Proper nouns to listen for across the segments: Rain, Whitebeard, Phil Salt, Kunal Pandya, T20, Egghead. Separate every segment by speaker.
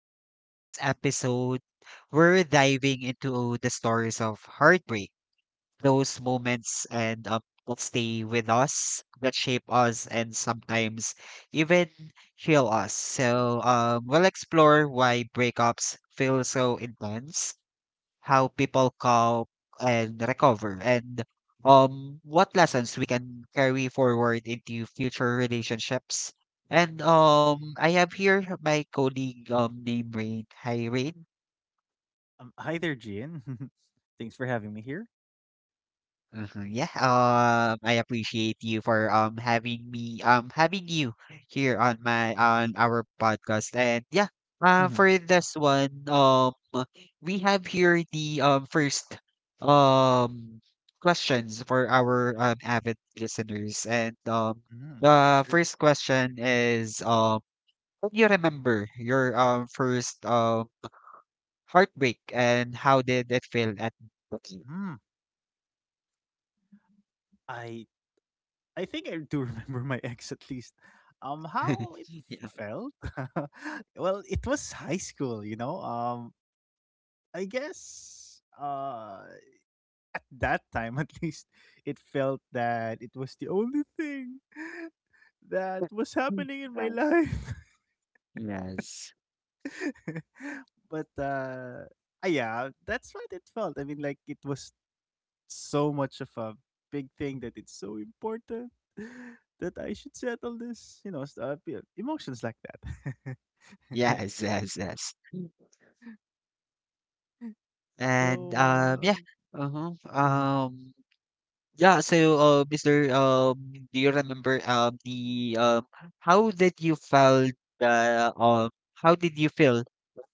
Speaker 1: And today's episode, we're diving into the stories of heartbreak, those moments and that stay with us, that shape us, and sometimes even heal us. We'll explore why breakups feel so intense, how people cope and recover, and what lessons we can carry forward into future relationships. And I have here my colleague named Rain. Hi, Rain.
Speaker 2: Hi there, Gian. Thanks for having me here.
Speaker 1: Mhm, yeah, I appreciate you for having me having you here on my on our podcast and yeah,
Speaker 2: Mhm.
Speaker 1: for this one. We have here the first um questions for our avid listeners and
Speaker 2: Mhm.
Speaker 1: the
Speaker 2: Sure.
Speaker 1: first question is can you remember your first heartbreak and how did it feel at
Speaker 2: Mm.
Speaker 1: the time?
Speaker 2: I I think I do remember my ex at least. How it felt? Well, it was high school, you know. I guess at that time at least it felt that it was the only thing that was happening in my
Speaker 1: Yeah.
Speaker 2: life.
Speaker 1: Yes.
Speaker 2: but uh yeah, that's what it felt. I mean, like it was so much of a big thing that it's so important that I should settle this, you know, emotions like that.
Speaker 1: Yes, yes, yes. Mm. And
Speaker 2: So,
Speaker 1: yeah. Uh-huh.
Speaker 2: mm,
Speaker 1: Yeah, so Mr. Do you remember the how did you felt Uh. um how did you feel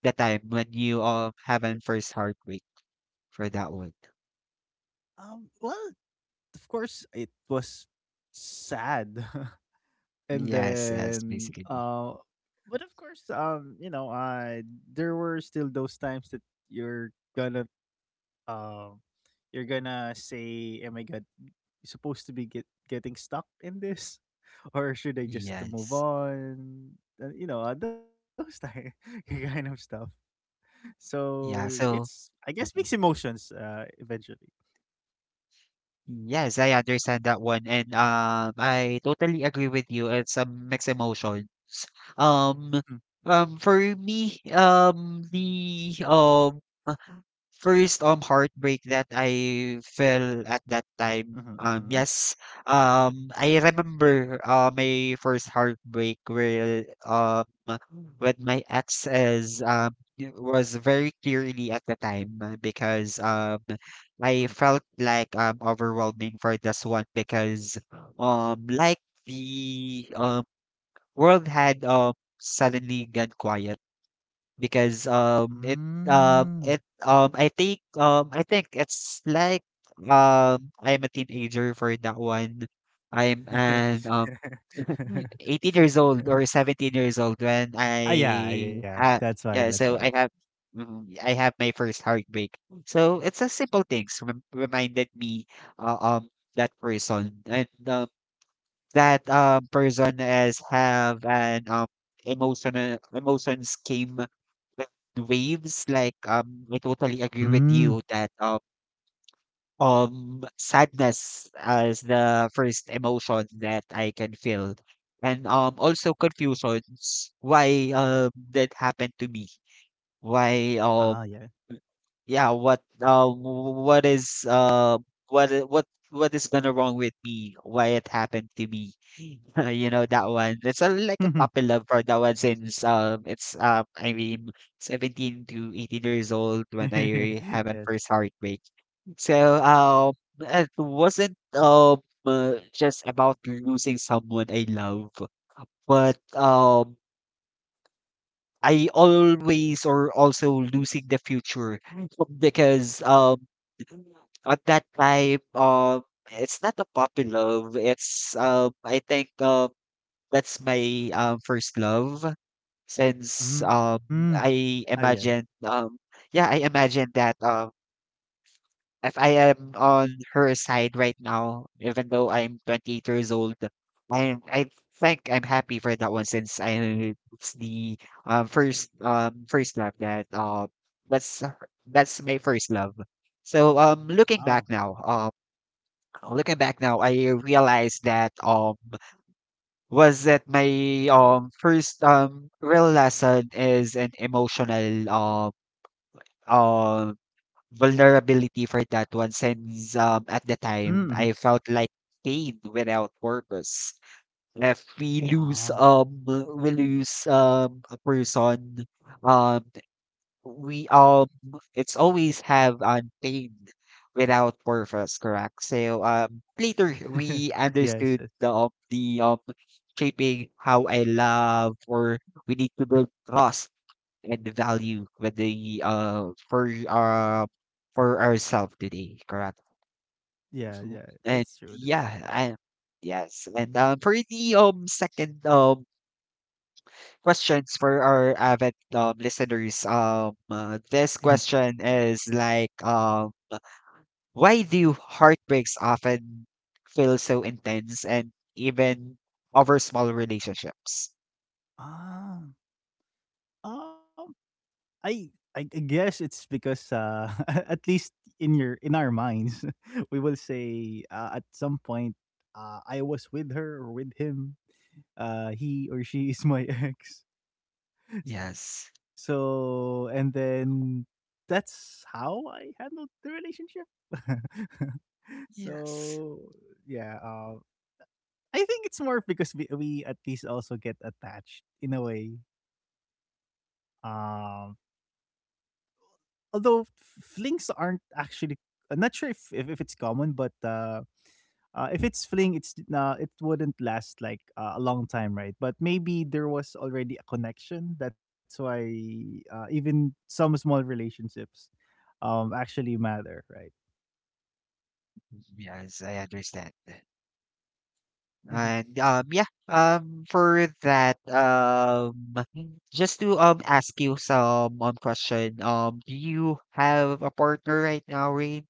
Speaker 1: the time when you have an first heartbreak for that one?
Speaker 2: well, of course, it was sad, and
Speaker 1: Yes, yes,
Speaker 2: then,
Speaker 1: basically.
Speaker 2: but of course, you know, I there were still those times that you're gonna um you're gonna say, "Am I got supposed to be getting stuck in this or should I just move
Speaker 1: Yes.
Speaker 2: on? Those type kind of stuff." So
Speaker 1: Yeah,
Speaker 2: it's,
Speaker 1: so
Speaker 2: I guess, mixed
Speaker 1: uh-huh.
Speaker 2: emotions eventually.
Speaker 1: Yes, I understand that one, and I totally agree with you. It's a mixed emotions. Um,
Speaker 2: Mm-hmm,
Speaker 1: for me, the first heartbreak that I felt at that time.
Speaker 2: mm-hmm, mm-hmm.
Speaker 1: Yes. I remember my first heartbreak where with my ex is it was very clearly at the time because I
Speaker 2: Mm-hmm.
Speaker 1: felt like overwhelming for this one because like the world had suddenly gone quiet because it
Speaker 2: Mm.
Speaker 1: it I think it's like I'm a teenager for that one. I'm an um Mm, 18 years old or 17 years old when
Speaker 2: Ah, yeah,
Speaker 1: I
Speaker 2: yeah,
Speaker 1: ha
Speaker 2: that's why,
Speaker 1: yeah,
Speaker 2: that's
Speaker 1: so
Speaker 2: why.
Speaker 1: I have my first heartbreak. So it's a simple things reminded me that person and that person has have an emotional emotions came with waves like I totally agree with
Speaker 2: Mm.
Speaker 1: you that sadness as the first emotion that I can feel. And also confusion why that happened to me. Why
Speaker 2: Ah, yeah.
Speaker 1: yeah what is what I- what is gonna wrong with me? Why it happened to me? You know that one. It's a, like a puppy love for that one since it's I mean 17 to 18 years old when I have my
Speaker 2: Yes.
Speaker 1: first heartbreak. So, it wasn't just about losing someone I love, but I always or also losing the future because at that time it's not a puppy love. It's I think that's my first love since
Speaker 2: Mm. Ah,
Speaker 1: I
Speaker 2: yes.
Speaker 1: imagine yeah I imagine that. If I am on her side right now, even though I'm 28 years old, I think I'm happy for that one since I it's the first love that's that's my first love. So looking
Speaker 2: Oh.
Speaker 1: back now, I realized that was that my first real lesson is an emotional um vulnerability for that one since at the
Speaker 2: Mm, mhm.
Speaker 1: time I felt like pain without purpose. If we lose
Speaker 2: Ah.
Speaker 1: a person um we it's always have on pain without purpose, correct? So later we understood
Speaker 2: Yes, yes.
Speaker 1: the shaping how I love or we need to build trust and value with the for ourselves today, correct? Mhm.
Speaker 2: Yeah,
Speaker 1: And
Speaker 2: yeah. That's true,
Speaker 1: yeah,
Speaker 2: that's
Speaker 1: I
Speaker 2: true.
Speaker 1: yes, and for the second questions for our avid listeners, this question
Speaker 2: Mhm.
Speaker 1: is like why do heartbreaks often feel so intense and even over small relationships?
Speaker 2: Ah, um, I guess it's because, at least in your in our minds, we will say, at some point, I was with her or with him. He or she is my ex.
Speaker 1: Yes.
Speaker 2: So, and then that's how I handled the relationship.
Speaker 1: Yes.
Speaker 2: So, yeah, I think it's more because we at least also get attached in a way. Um, Although flings aren't actually. I'm not sure if it's common, but if it's fling, it wouldn't last like a long time, right? But maybe there was already a connection. That's why, even some small relationships actually matter, right?
Speaker 1: Yes, I understand.
Speaker 2: Mm-hmm.
Speaker 1: And yeah, for that just to ask you some question. Do you have a partner right now, Rain?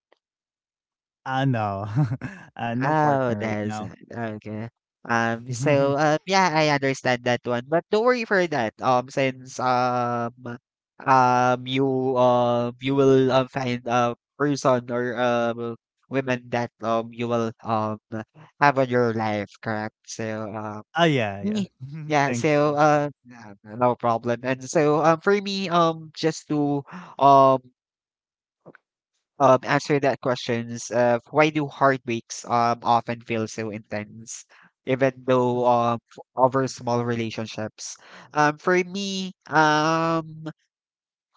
Speaker 2: No, no
Speaker 1: Oh,
Speaker 2: partner right
Speaker 1: that's
Speaker 2: now.
Speaker 1: it. Okay. Yeah, I understand that one. But don't worry for that. Since You you will find a person or women that you will have on your life, correct? So uh
Speaker 2: Ah, yeah, yeah.
Speaker 1: Me yeah,
Speaker 2: Thanks.
Speaker 1: so,
Speaker 2: so
Speaker 1: yeah, no problem. And so, for me, just to um, answer that questions, why do heartbreaks often feel so intense, even though
Speaker 2: much.
Speaker 1: over small relationships? For me,
Speaker 2: Mhm.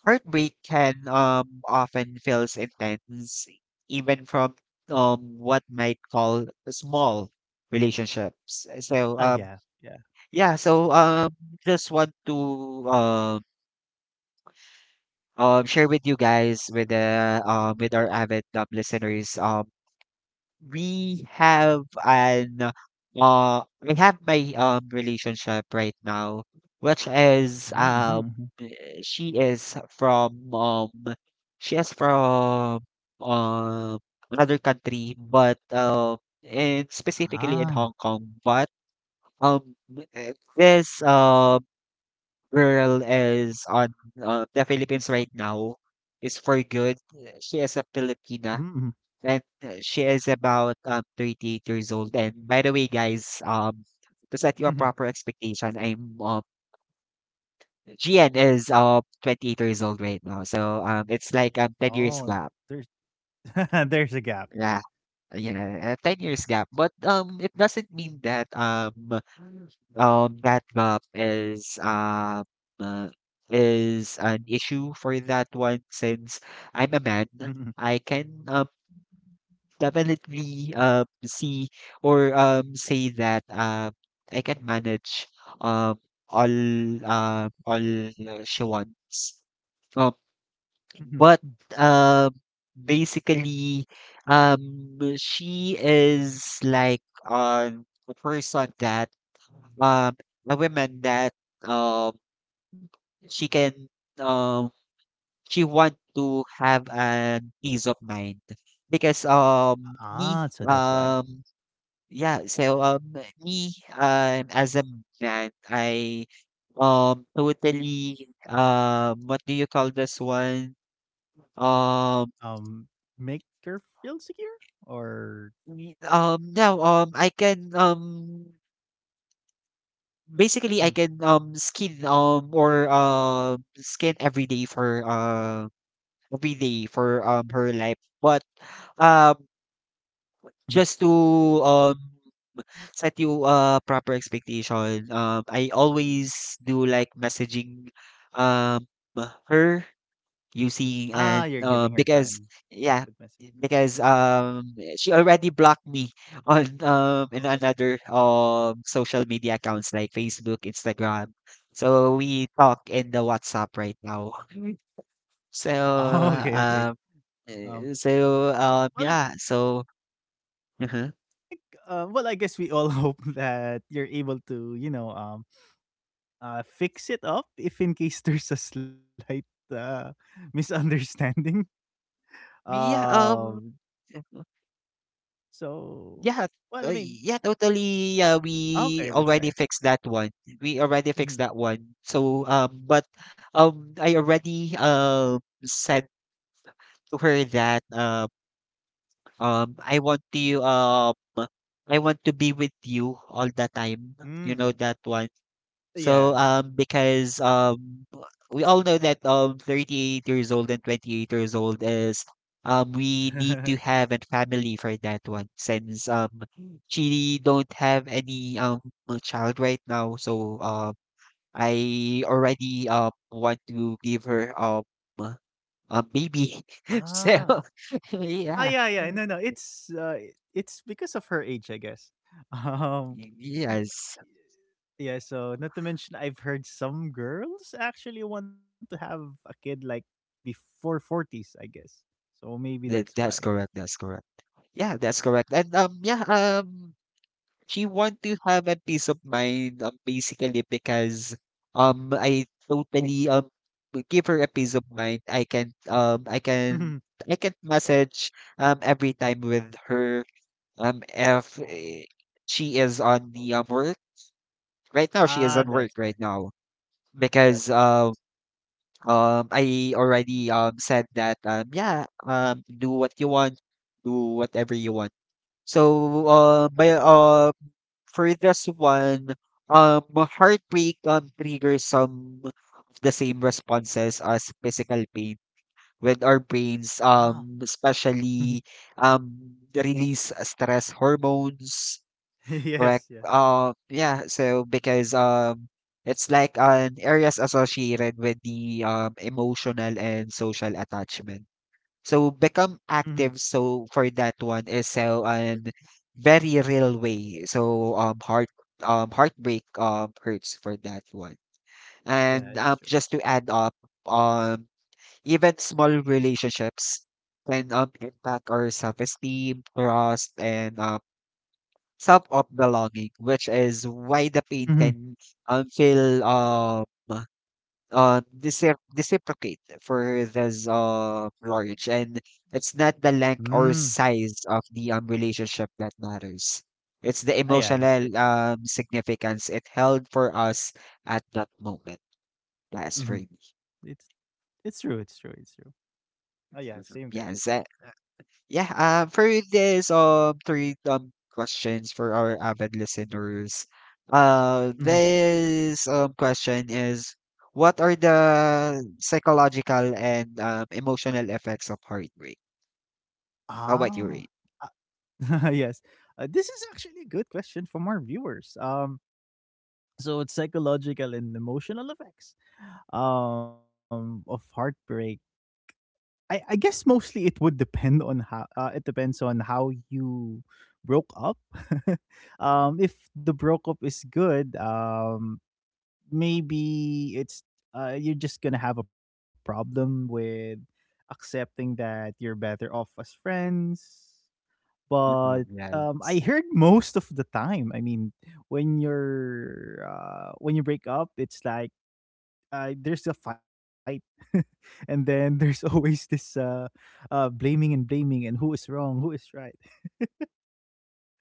Speaker 1: heartbreak can often feels intense, even from what might call small relationships.
Speaker 2: Ah,
Speaker 1: So,
Speaker 2: yeah, yeah, yeah.
Speaker 1: yeah, so um, just want to share with you guys with the with our avid listeners. We have an we have my relationship right now, which
Speaker 2: Mhm,
Speaker 1: is
Speaker 2: mhm, mhm.
Speaker 1: she is from um she is from um another country, but and specifically in
Speaker 2: Ah.
Speaker 1: Hong Kong, but um this girl is on the Philippines right now is for good. She is a
Speaker 2: Mm,
Speaker 1: Filipina
Speaker 2: mhm,
Speaker 1: and she is about 38 years old. And by the way, guys, to set you a
Speaker 2: mhm.
Speaker 1: proper expectation, I'm GN is 28 years old right now, so it's like 10
Speaker 2: Oh,
Speaker 1: years gap.
Speaker 2: there's there's a gap.
Speaker 1: Yeah. Yeah, a 10 years gap. But it doesn't mean that that gap uh, is an issue for that one since
Speaker 2: Mhm,
Speaker 1: I'm a
Speaker 2: mhm.
Speaker 1: man. I can definitely see or say that I can manage um all all she wants. um.
Speaker 2: Mhm.
Speaker 1: But, um, basically, um, she is like um a person that um a woman that um she can um she want to have an peace of mind because
Speaker 2: Ah,
Speaker 1: me
Speaker 2: so that's why.
Speaker 1: yeah so me as a man I totally what do you call this one. Um,
Speaker 2: Um, Make her feel secure? Or
Speaker 1: Now, I can, basically, I
Speaker 2: mm,
Speaker 1: can, skin, skin every day for, her life. But, um,
Speaker 2: mhm.
Speaker 1: just to, um, set you a proper expectation, I always do like messaging, um, her. You see,
Speaker 2: Ah, you're
Speaker 1: and
Speaker 2: giving her time
Speaker 1: because yeah,
Speaker 2: with message.
Speaker 1: because she already blocked me on in another social media accounts like Facebook, Instagram. So we talk in the WhatsApp right now.
Speaker 2: Oh,
Speaker 1: So
Speaker 2: okay, okay.
Speaker 1: um,
Speaker 2: Um,
Speaker 1: eh, so
Speaker 2: well,
Speaker 1: um, yeah, so uh
Speaker 2: well, I guess we all hope that you're able to, fix it up if in case there's a slight uh, misunderstanding.
Speaker 1: yeah,
Speaker 2: Um, so,
Speaker 1: Yeah,
Speaker 2: well, I mean,
Speaker 1: yeah, totally. Yeah, we
Speaker 2: okay, that's
Speaker 1: already
Speaker 2: nice.
Speaker 1: fixed that one. We already fixed
Speaker 2: Mhm.
Speaker 1: that one. So, but I already said to her that um I want to um I want to be with you all the time.
Speaker 2: Mm.
Speaker 1: You know that one.
Speaker 2: Yeah,
Speaker 1: So
Speaker 2: yeah.
Speaker 1: because we all know that 38 years old and 28 years old is we need to have a family for that one since she don't have any child right now so I already want to give her uh, a baby
Speaker 2: Ah.
Speaker 1: so
Speaker 2: Ah, yeah,
Speaker 1: yeah.
Speaker 2: yeah. No, no. It's because of her age, I guess. Um
Speaker 1: Yes,
Speaker 2: yeah, so not to mention I've heard some girls actually want to have a kid like before 40s, I guess. So maybe that's
Speaker 1: that,
Speaker 2: why.
Speaker 1: that's correct, that's correct, yeah that's correct. And yeah, she want to have a peace of mind, basically because I totally will give her a peace of mind. I
Speaker 2: Mhm.
Speaker 1: can message every time with her if eh, she is on the work right now, she
Speaker 2: Ah,
Speaker 1: is on work
Speaker 2: that's why.
Speaker 1: right now because
Speaker 2: That's why.
Speaker 1: I already said that yeah do what you want, do whatever you want. So uh by uh for this one, heartbreak triggers some of the same responses as physical pain with our brains,
Speaker 2: Oh.
Speaker 1: especially the release stress hormones,
Speaker 2: Yes,
Speaker 1: correct?
Speaker 2: yes.
Speaker 1: Yeah, so because it's like an areas associated with the emotional and social attachment. So become
Speaker 2: Mhm.
Speaker 1: active so for that one is so an very real way. So heartbreak hurts for that one.
Speaker 2: Yeah,
Speaker 1: And
Speaker 2: that's true.
Speaker 1: just to add up um even small relationships can impact our self-esteem, trust and self of belonging, which is why the pain
Speaker 2: Mhm.
Speaker 1: can feel decep reciprocate for this large and it's not the length
Speaker 2: Mm.
Speaker 1: or size of the relationship that matters, it's the
Speaker 2: Ah, yeah, it's
Speaker 1: emotional
Speaker 2: true.
Speaker 1: significance it held for us at that moment. That's for
Speaker 2: Mhm.
Speaker 1: me.
Speaker 2: It's true, it's true, it's true. Ah, yeah, same there.
Speaker 1: yes a- Yeah, for this three questions for our avid listeners.
Speaker 2: Mhm.
Speaker 1: This question is what are the psychological and emotional effects of heartbreak? How about
Speaker 2: Ah.
Speaker 1: you, Rain?
Speaker 2: Ah, yes. This is actually a good question from our viewers. So it's psychological and emotional effects of heartbreak. I guess mostly it would depend on how, it depends on how you broke up. If the broke up is good, maybe it's you're just gonna have a problem with accepting that you're better off as friends. But
Speaker 1: Mhm. Yeah.
Speaker 2: I heard most of the time. I mean, when you break up, it's like, there's a fight, and then there's always this blaming and blaming, and who is wrong, who is right.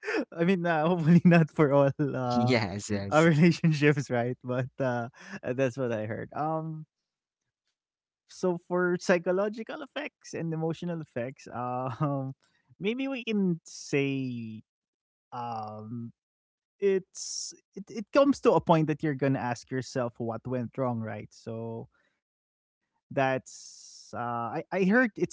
Speaker 2: I mean, hopefully not for all
Speaker 1: Yes,
Speaker 2: our
Speaker 1: yes.
Speaker 2: relationships, right? But that's what I heard. So for psychological effects and emotional effects, maybe we can say, um, it comes to a point that you're gonna ask yourself what went wrong, right? So that's, I heard it's called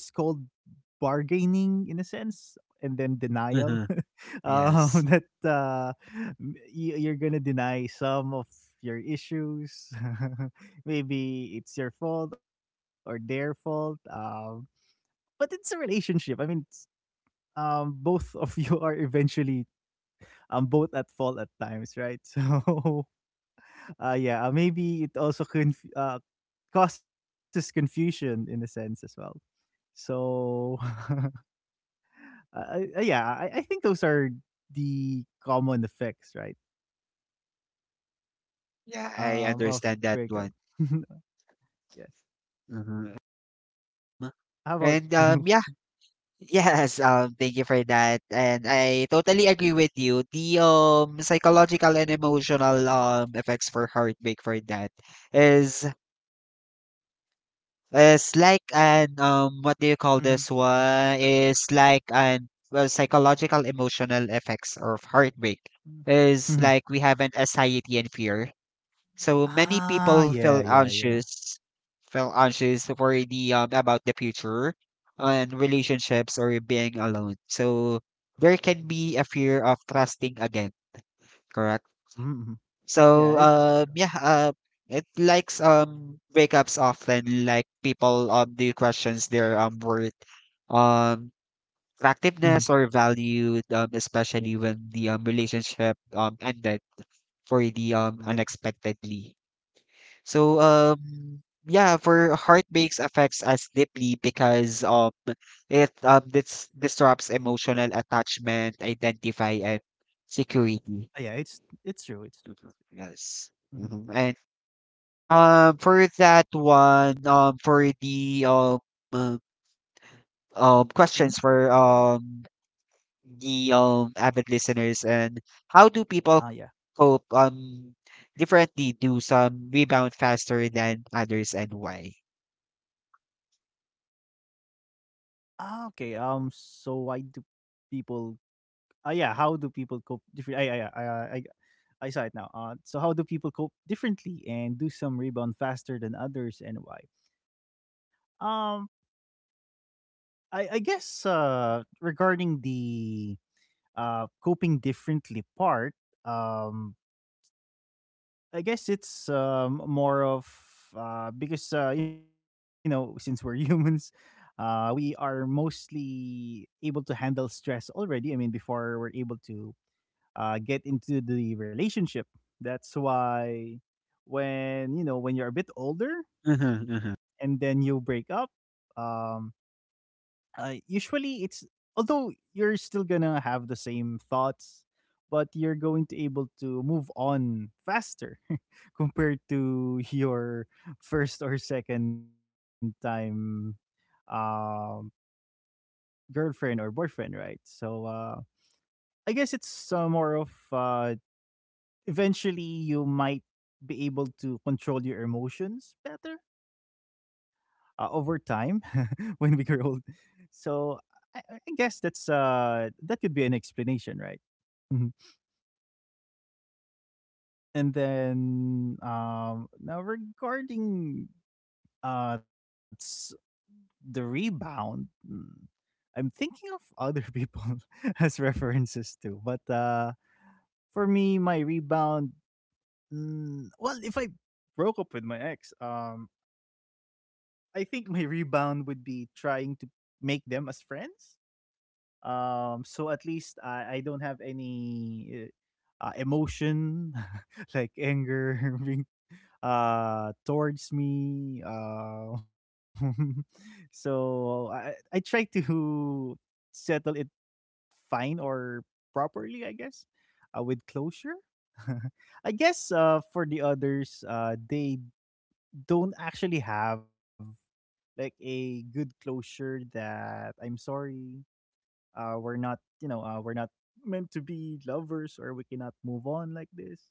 Speaker 2: bargaining in a sense, and then denial.
Speaker 1: Mhm.
Speaker 2: um
Speaker 1: Yes.
Speaker 2: that uh you're gonna deny some of your issues. Maybe it's your fault or their fault, but it's a relationship. I mean, both of you are eventually, both at fault at times, right? So, yeah, maybe it also causes confusion in a sense as well, so. Yeah, I think those are the common effects, right?
Speaker 1: Yeah, I
Speaker 2: Of
Speaker 1: understand that
Speaker 2: breakup.
Speaker 1: one.
Speaker 2: Yes.
Speaker 1: Mhm.
Speaker 2: How
Speaker 1: Um,
Speaker 2: about you?
Speaker 1: And um yeah, Yes, thank you for that. And I totally agree with you. The psychological and emotional effects for heartbreak for that is like an what do you
Speaker 2: Hmm,
Speaker 1: call this one? Is like an well psychological emotional effects of heartbreak is
Speaker 2: hmm.
Speaker 1: like we have an anxiety and fear, so many
Speaker 2: Ah,
Speaker 1: people
Speaker 2: yeah, yeah, yeah.
Speaker 1: feel anxious for the about the future and relationships or being alone. So there can be a fear of trusting again, correct?
Speaker 2: Mm-hmm, mm-hmm. Yeah,
Speaker 1: So
Speaker 2: it's true.
Speaker 1: it likes breakups often like people do questions their worth, um
Speaker 2: Mm-hmm.
Speaker 1: attractiveness, or value, especially when the relationship ended for the
Speaker 2: Mm.
Speaker 1: unexpectedly. So, yeah, for heartbreaks affects us deeply because it this disrupts emotional attachment, identify, and
Speaker 2: Ah,
Speaker 1: security.
Speaker 2: yeah, it's true. It's true.
Speaker 1: Mhm. Yes.
Speaker 2: Mm-hmm.
Speaker 1: Mhm. And for that one, for the uh,
Speaker 2: Mm-hmm.
Speaker 1: questions for the avid listeners, and how do
Speaker 2: Ah,
Speaker 1: people
Speaker 2: yeah.
Speaker 1: cope differently? Do some rebound faster than others, and why?
Speaker 2: Ah, okay. So, why do people? Ah, yeah. How do people cope? Different. I saw it now. So how do people cope differently, and do some rebound faster than others, and why? Um, I guess, regarding the coping differently part, um, I guess it's, more of, because, you know, since we're humans, we are mostly able to handle stress already. I mean, before we're able to, get into the relationship. That's why when you're a bit older
Speaker 1: Mhm,
Speaker 2: and
Speaker 1: mhm,
Speaker 2: then you break up, um, usually it's— although you're still gonna have the same thoughts, but you're going to able to move on faster compared to your first or second time um, girlfriend or boyfriend, right? So, I guess it's, more of, eventually you might be able to control your emotions better over time when we grow old. So I guess that's, that could be an explanation, right? Mhm. And then, now regarding uh s- the rebound, mm, I'm thinking of other people as references too. But for me, my rebound, mm, well, if I broke up with my ex. I think my rebound would be trying to make them as friends. So at least I don't have any emotion like anger being towards me. So I try to settle it fine, or properly, I guess, with closure. I guess, for the others, they don't actually have like a good closure. That, "I'm sorry, we're not meant to be lovers," or, "We cannot move on like this,"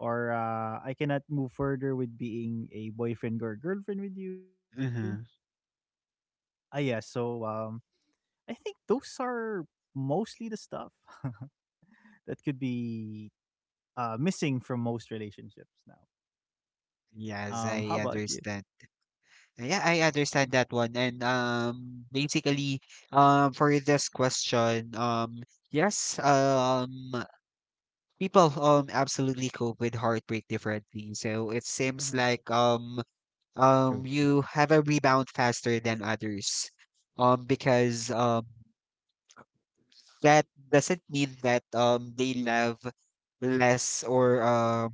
Speaker 2: or, "I cannot move further with being a boyfriend or girlfriend with you."
Speaker 1: mhm.
Speaker 2: Ah, yeah. So, I think those are mostly the stuff that could be missing from most relationships now.
Speaker 1: Yes,
Speaker 2: How
Speaker 1: I
Speaker 2: about you?
Speaker 1: understand. Yeah,
Speaker 2: Mhm.
Speaker 1: I understand that one. And basically, for this question, yes, people absolutely cope with heartbreak differently. So it seems
Speaker 2: Mhm.
Speaker 1: like
Speaker 2: True, true.
Speaker 1: you have a rebound faster than others. Because that doesn't mean that they love less,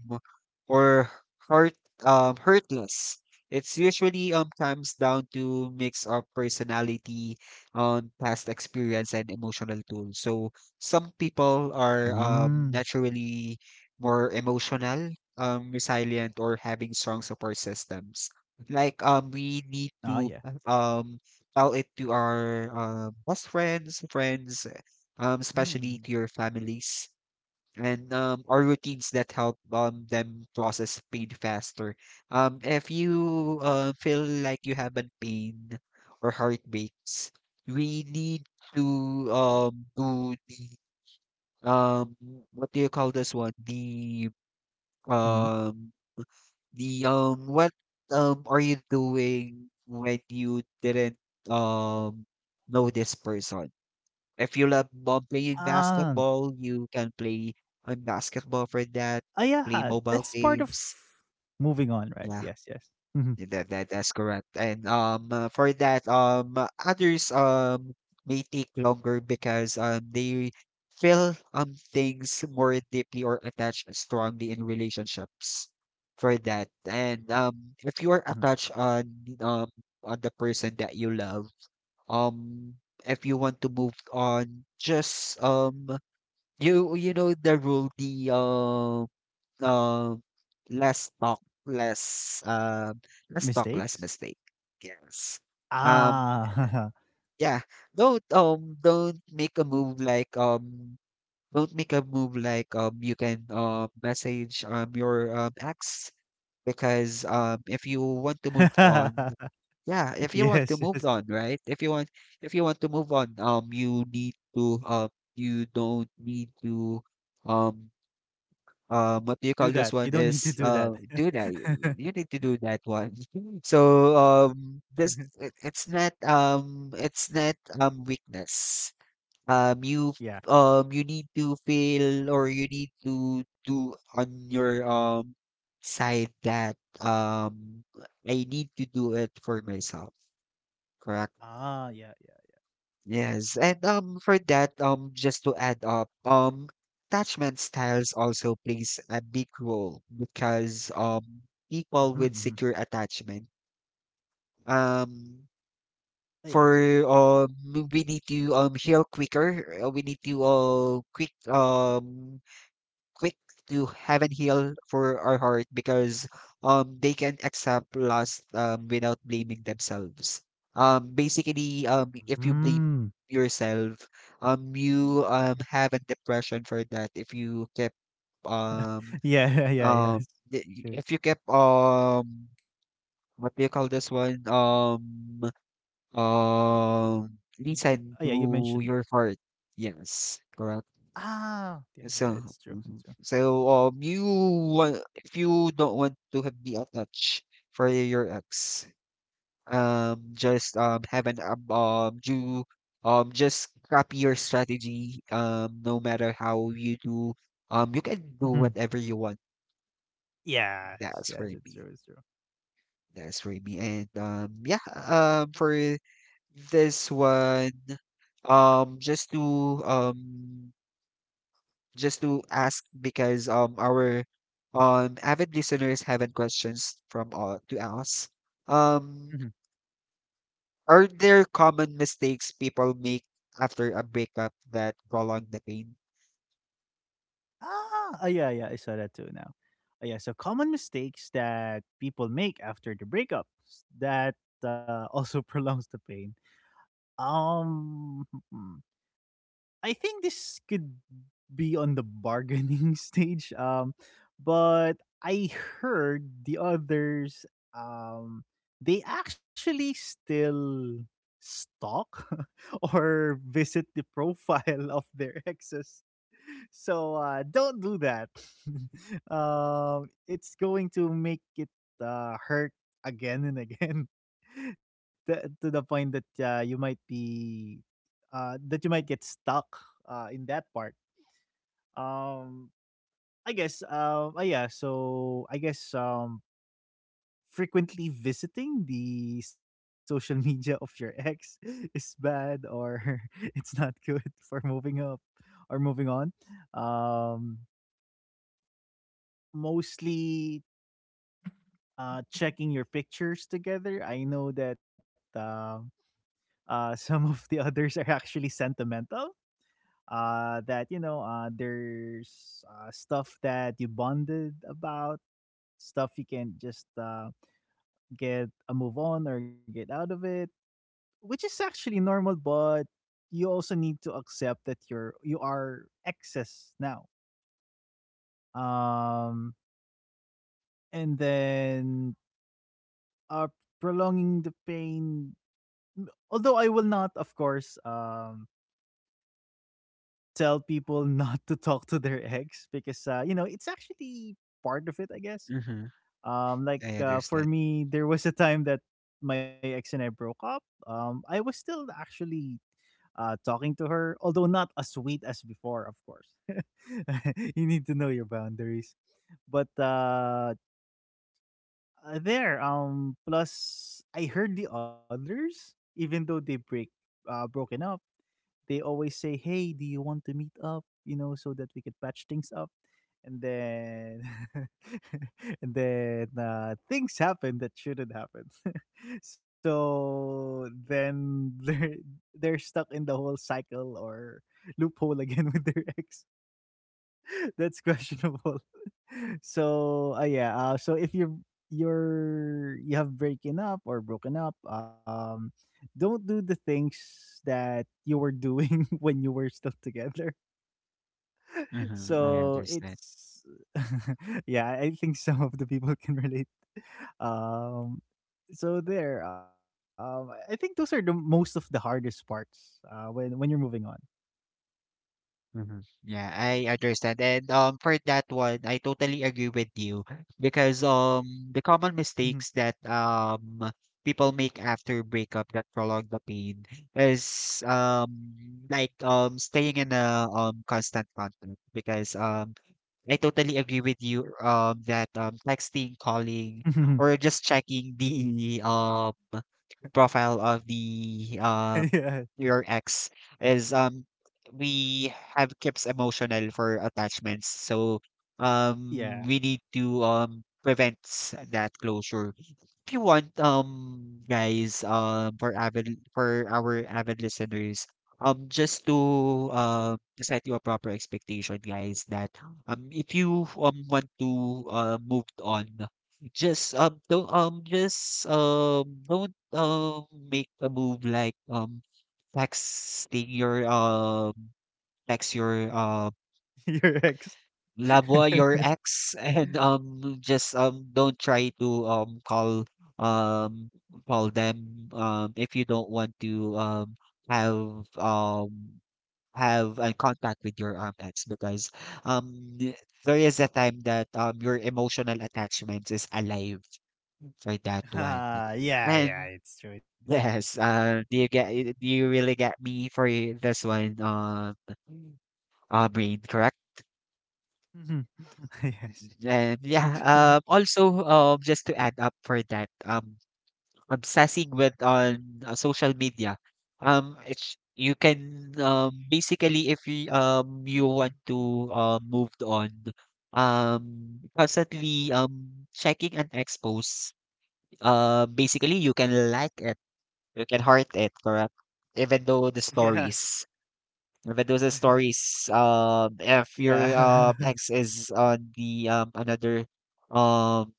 Speaker 1: or hurt, hurtless. It's usually comes down to mix of personality, past experience, and emotional tools. So some people are
Speaker 2: Mm.
Speaker 1: naturally more emotional, resilient, or having strong support systems. Like
Speaker 2: Oh, yeah.
Speaker 1: we need to um tell it to our best friends, friends,
Speaker 2: Mhm.
Speaker 1: especially to your families, and or routines that help them process pain faster. If you feel like you have a pain or heartbreaks, we need to do the um, what do you call this one?
Speaker 2: Hmm.
Speaker 1: Um, the what are you doing when you didn't um know this person? If you love ball playing
Speaker 2: Ah,
Speaker 1: basketball, you can play on basketball for that,
Speaker 2: oh,
Speaker 1: play
Speaker 2: yeah.
Speaker 1: mobile
Speaker 2: That's part
Speaker 1: games.
Speaker 2: of moving on,
Speaker 1: Yeah,
Speaker 2: right? Yes, yes. Mhm.
Speaker 1: that's correct. And for that others may take longer because they feel things more deeply or attached strongly in relationships for that. And if you are attached
Speaker 2: Mhm.
Speaker 1: um on the person that you love, um if you want to move on, just you know the rule, the uh, less talk, less talk, less mistake.
Speaker 2: Mistakes?
Speaker 1: Yes. Um.
Speaker 2: Ah.
Speaker 1: Yeah. Don't make a move like, don't make a move like, you can message your ex because if you want to move on, yeah. If you
Speaker 2: Yes, yes.
Speaker 1: want to move on, right? If you want to move on, you need to. You don't need to um what do you call
Speaker 2: Do
Speaker 1: this
Speaker 2: that.
Speaker 1: one
Speaker 2: You don't need
Speaker 1: is
Speaker 2: to do that.
Speaker 1: do that. You need to do that one. So this it's not it's not weakness.
Speaker 2: Yeah.
Speaker 1: You you need to feel, or you need to do on your side that I need to do it for myself. Correct.
Speaker 2: Ah, yeah, yeah.
Speaker 1: Yes, and for that, just to add up, attachment styles also plays a big role because people with
Speaker 2: Hmm, hmm.
Speaker 1: secure attachment um
Speaker 2: Yeah, it's—
Speaker 1: for we need to heal quicker. We need to quick, quick to heaven heal for our heart because they can accept loss without blaming themselves. Basically, if you blame
Speaker 2: mm.
Speaker 1: yourself, you have a depression for that if you kept um
Speaker 2: Yeah, yeah,
Speaker 1: um
Speaker 2: yeah. It's
Speaker 1: th- if
Speaker 2: true.
Speaker 1: you kept what do you call this one,
Speaker 2: Mm. Oh, yeah,
Speaker 1: listen
Speaker 2: you mentioned—
Speaker 1: to your heart, yes, correct.
Speaker 2: ah, yeah, yeah,
Speaker 1: So,
Speaker 2: it's true, it's true.
Speaker 1: mhm. So you want, if you don't want to have be attached for your ex, just have an do just copy your strategy. No matter how you do, you can do
Speaker 2: Mhm.
Speaker 1: whatever you want.
Speaker 2: Yes,
Speaker 1: That's for
Speaker 2: yes,
Speaker 1: me.
Speaker 2: it's true, it's true.
Speaker 1: That's for me. And yeah. For this one, um, just to um just to ask because our avid listeners have questions from all to us. Um,
Speaker 2: Mhm.
Speaker 1: are there common mistakes people make after a breakup that prolong the pain?
Speaker 2: Ah, oh, yeah, yeah, I saw that too now. Oh, yeah, so common mistakes that people make after the breakups that, also prolongs the pain. Hmm, hmm. I think this could be on the bargaining stage. But I heard the others. Um, they actually still stalk or visit the profile of their exes. So, don't do that. It's going to make it, hurt again and again. To the point that, you might be that you might get stuck, in that part. Um, I guess. Oh, yeah. So I guess, frequently visiting the social media of your ex is bad, or it's not good for moving up or moving on. Um, Mostly, checking your pictures together. I know that. Some of the others are actually sentimental, that you know, there's stuff that you bonded about, stuff you can just get a move on or get out of it, which is actually normal, but you also need to accept that you are excess now, um and then uh prolonging the pain. Although I will not, of course, tell people not to talk to their ex, because you know, it's actually part of it, I guess.
Speaker 1: Mm-hmm.
Speaker 2: Like,
Speaker 1: I
Speaker 2: for
Speaker 1: understand.
Speaker 2: me, there was a time that my ex and I broke up. I was still actually, talking to her, although not as sweet as before, of course. You need to know your boundaries. But there, plus I heard the others, even though they break broken up, they always say, "Hey, do you want to meet up?" You know, so that we could patch things up. And then, and then things happen that shouldn't happen. So then they're stuck in the whole cycle or loophole again with their ex. That's questionable. So if you have breaking up or broken up, don't do the things that you were doing when you were still together.
Speaker 1: Mm-hmm. I
Speaker 2: So
Speaker 1: understand.
Speaker 2: it's yeah, I think some of the people can relate. um so there I think those are the most of the hardest parts when you're moving
Speaker 1: Mhm. Yeah, I understand. And for that one, I totally agree with you because the common
Speaker 2: on. Mhm.
Speaker 1: mistakes that people make after breakup that prolong the pain is like staying in a constant contact because I totally agree with you that texting, calling, or just checking the profile of the uh
Speaker 2: Yeah,
Speaker 1: your ex is we have kept emotional for attachments, so
Speaker 2: yeah.
Speaker 1: we need to prevent that closure. If you want guys, for our avid listeners, just to set you a proper expectation, guys, that if you want to move on, just don't just don't make a move like texting your, text your,
Speaker 2: Your ex.
Speaker 1: loved your ex, and, just, don't try to, call, um, call them, if you don't want to, have, um, have a contact with your, ex, because, um, th- there is a time that, your emotional attachment is alive for that one.
Speaker 2: Ah, yeah,
Speaker 1: And
Speaker 2: yeah, it's true, it's true.
Speaker 1: yes, do you get do you really get me for this one, Brain, correct?
Speaker 2: Mhm. Yes.
Speaker 1: And yeah, also, just to add up for that, obsessing with on social media, it's you can basically if you you want to move on, constantly checking an expose, basically you can like it, you can heart it, correct? Even though the
Speaker 2: Yes.
Speaker 1: stories. Medusa stories. If your
Speaker 2: Yeah.
Speaker 1: ex is on the another um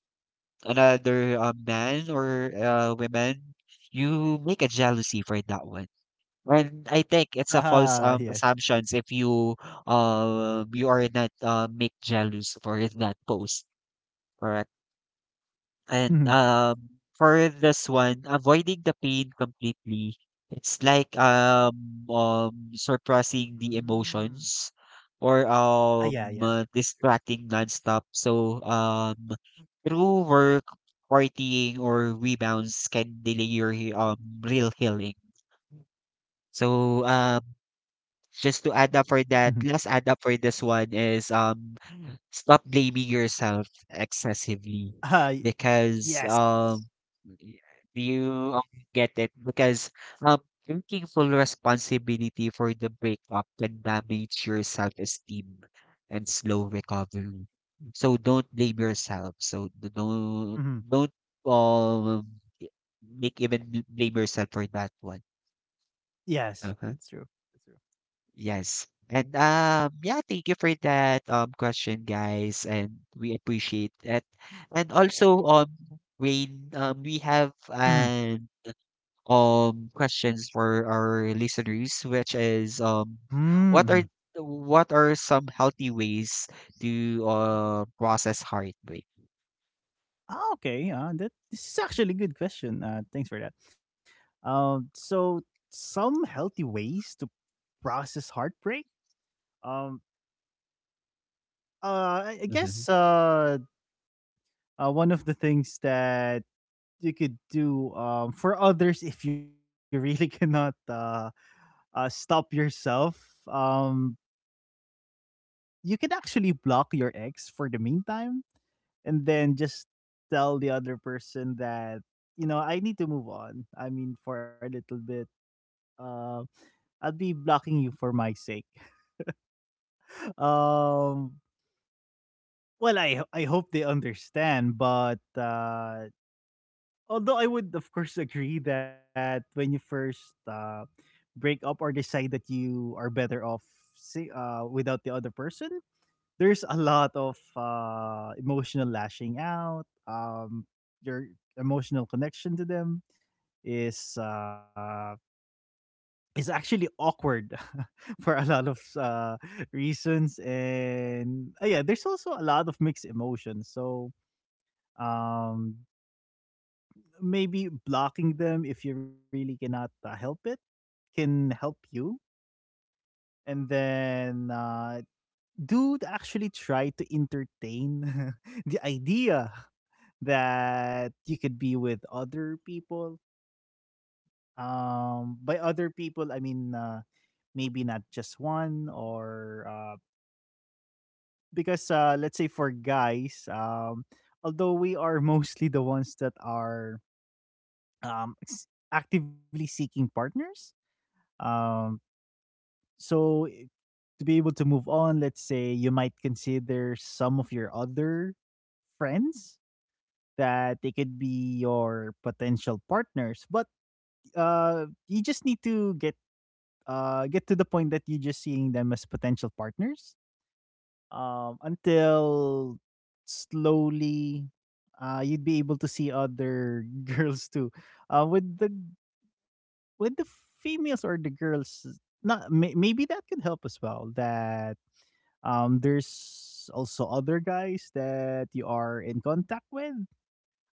Speaker 1: another man or women, you make a jealousy for that one. And I think it's a
Speaker 2: Ah,
Speaker 1: false
Speaker 2: yes.
Speaker 1: assumptions if you you are not make jealous for that post. Correct. And,
Speaker 2: Mhm.
Speaker 1: for this one, avoiding the pain completely, it's like, suppressing the
Speaker 2: Mm.
Speaker 1: emotions, or,
Speaker 2: Ah, yeah, yeah. It's true.
Speaker 1: distracting nonstop. So, through work, partying, or rebounds can delay your, real healing. So, just to add up for
Speaker 2: Mhm.
Speaker 1: that, let's add up for this one is, stop blaming yourself excessively
Speaker 2: Ah, y
Speaker 1: because,
Speaker 2: yes.
Speaker 1: yeah, you get it because, um, taking full responsibility for the breakup can damage your self-esteem and slow recovery. So don't blame yourself. So
Speaker 2: Mhm.
Speaker 1: don't um y- make even blame yourself for that one.
Speaker 2: Yes.
Speaker 1: Uh-huh.
Speaker 2: It's true. It's true.
Speaker 1: Yes. And yeah, thank you for that question, guys, and we appreciate it. And also, Rain, we have
Speaker 2: Mhm.
Speaker 1: an questions for our listeners, which is
Speaker 2: Mm,
Speaker 1: what are,
Speaker 2: mhm.
Speaker 1: what are some healthy ways to process heartbreak?
Speaker 2: Ah, okay, that this is actually a good question, thanks for that. So some healthy ways to process heartbreak? Um, I
Speaker 1: Mm-hmm.
Speaker 2: guess, one of the things that you could do, for others, if you really cannot stop yourself. You can actually block your ex for the meantime, and then just tell the other person that, you know, I need to move on. I mean, for a little bit, uh, I'll be blocking you for my sake. Um, well, I hope they understand, but although I would of course agree that when you first break up or decide that you are better off, say, without the other person, there's a lot of emotional lashing out. Your emotional connection to them is uh, is actually awkward for a lot of reasons, and yeah, there's also a lot of mixed emotions. So um maybe blocking them if you really cannot help it can help you, and then do actually try to entertain the idea that you could be with other people. By other people I mean, maybe not just one, or because let's say for guys, although we are mostly the ones that are um s- actively seeking partners. um so i- to be able to move on, let's say you might consider some of your other friends that they could be your potential partners, but you just need to get to the point that you're just seeing them as potential partners, until slowly you'd be able to see other girls too. Uh, with the with the females or the girls, not may, maybe that could help as well. That there's also other guys that you are in contact with,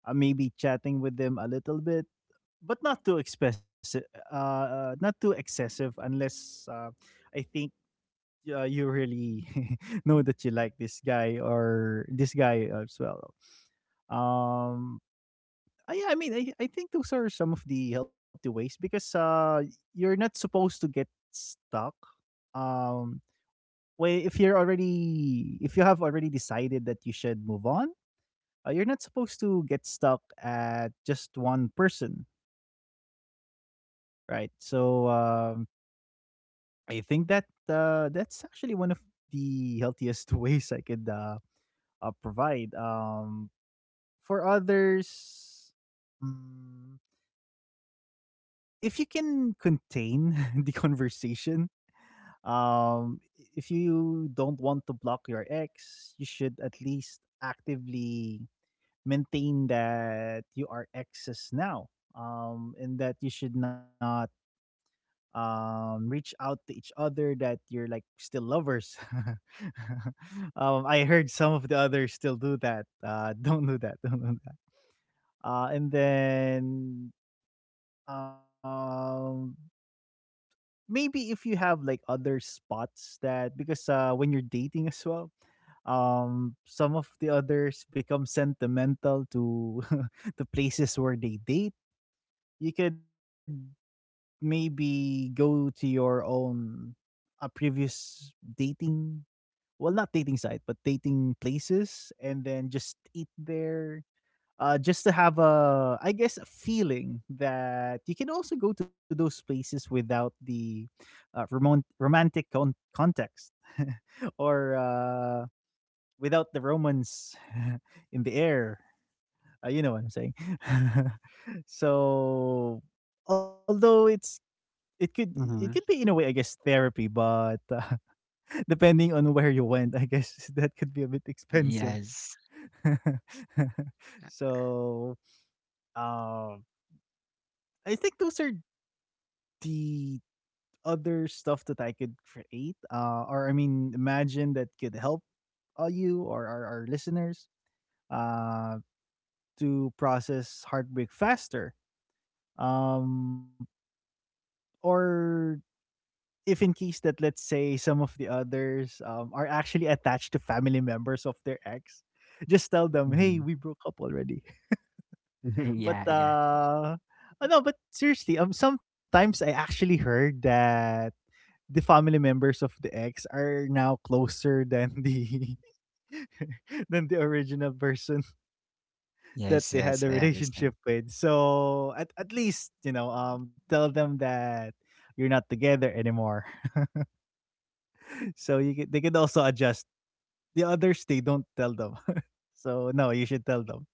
Speaker 2: maybe chatting with them a little bit, but not too expressive, not too excessive, unless I think you really know that you like this guy or this guy as well. Um, yeah, I mean, I think those are some of the healthy ways, because you're not supposed to get stuck. Um, well, if you have already decided that you should move on, you're not supposed to get stuck at just one person, right? So I think that that's actually one of the healthiest ways I could provide, for others. Mm, if you can contain the conversation, um, if you don't want to block your ex, you should at least actively maintain that you are exes now, and that you should not reach out to each other, that you're like still lovers. I heard some of the others still do that. Don't do that. Don't do that. And then um maybe if you have like other spots, that because when you're dating as well, some of the others become sentimental to the places where they date. You could maybe go to your own a previous dating, well, not dating site, but dating places, and then just eat there, just to have a, I guess, a feeling that you can also go to those places without the romantic context, or without the romance in the air. You know what I'm saying. So, although it's it
Speaker 1: Mm-hmm.
Speaker 2: could be in a way, I guess, therapy, but depending on where you went, I guess that could be a bit expensive.
Speaker 1: Yes.
Speaker 2: So um, I think those are the other stuff that I could create, or I mean, imagine, that could help you or our listeners uh, to process heartbreak faster. Um, or if in case that, let's say, some of the others are actually attached to family members of their ex, just tell them, hey,
Speaker 1: Mm-hmm.
Speaker 2: we broke up already. But
Speaker 1: yeah, yeah.
Speaker 2: no, but seriously, sometimes I actually heard that the family members of the ex are now closer than the than the original person that
Speaker 1: Yes,
Speaker 2: they had
Speaker 1: yes,
Speaker 2: a
Speaker 1: I understand.
Speaker 2: relationship with. So at least, you know, tell them that you're not together anymore. So you could, they could also adjust. The others, they don't tell them. So no, you should tell them.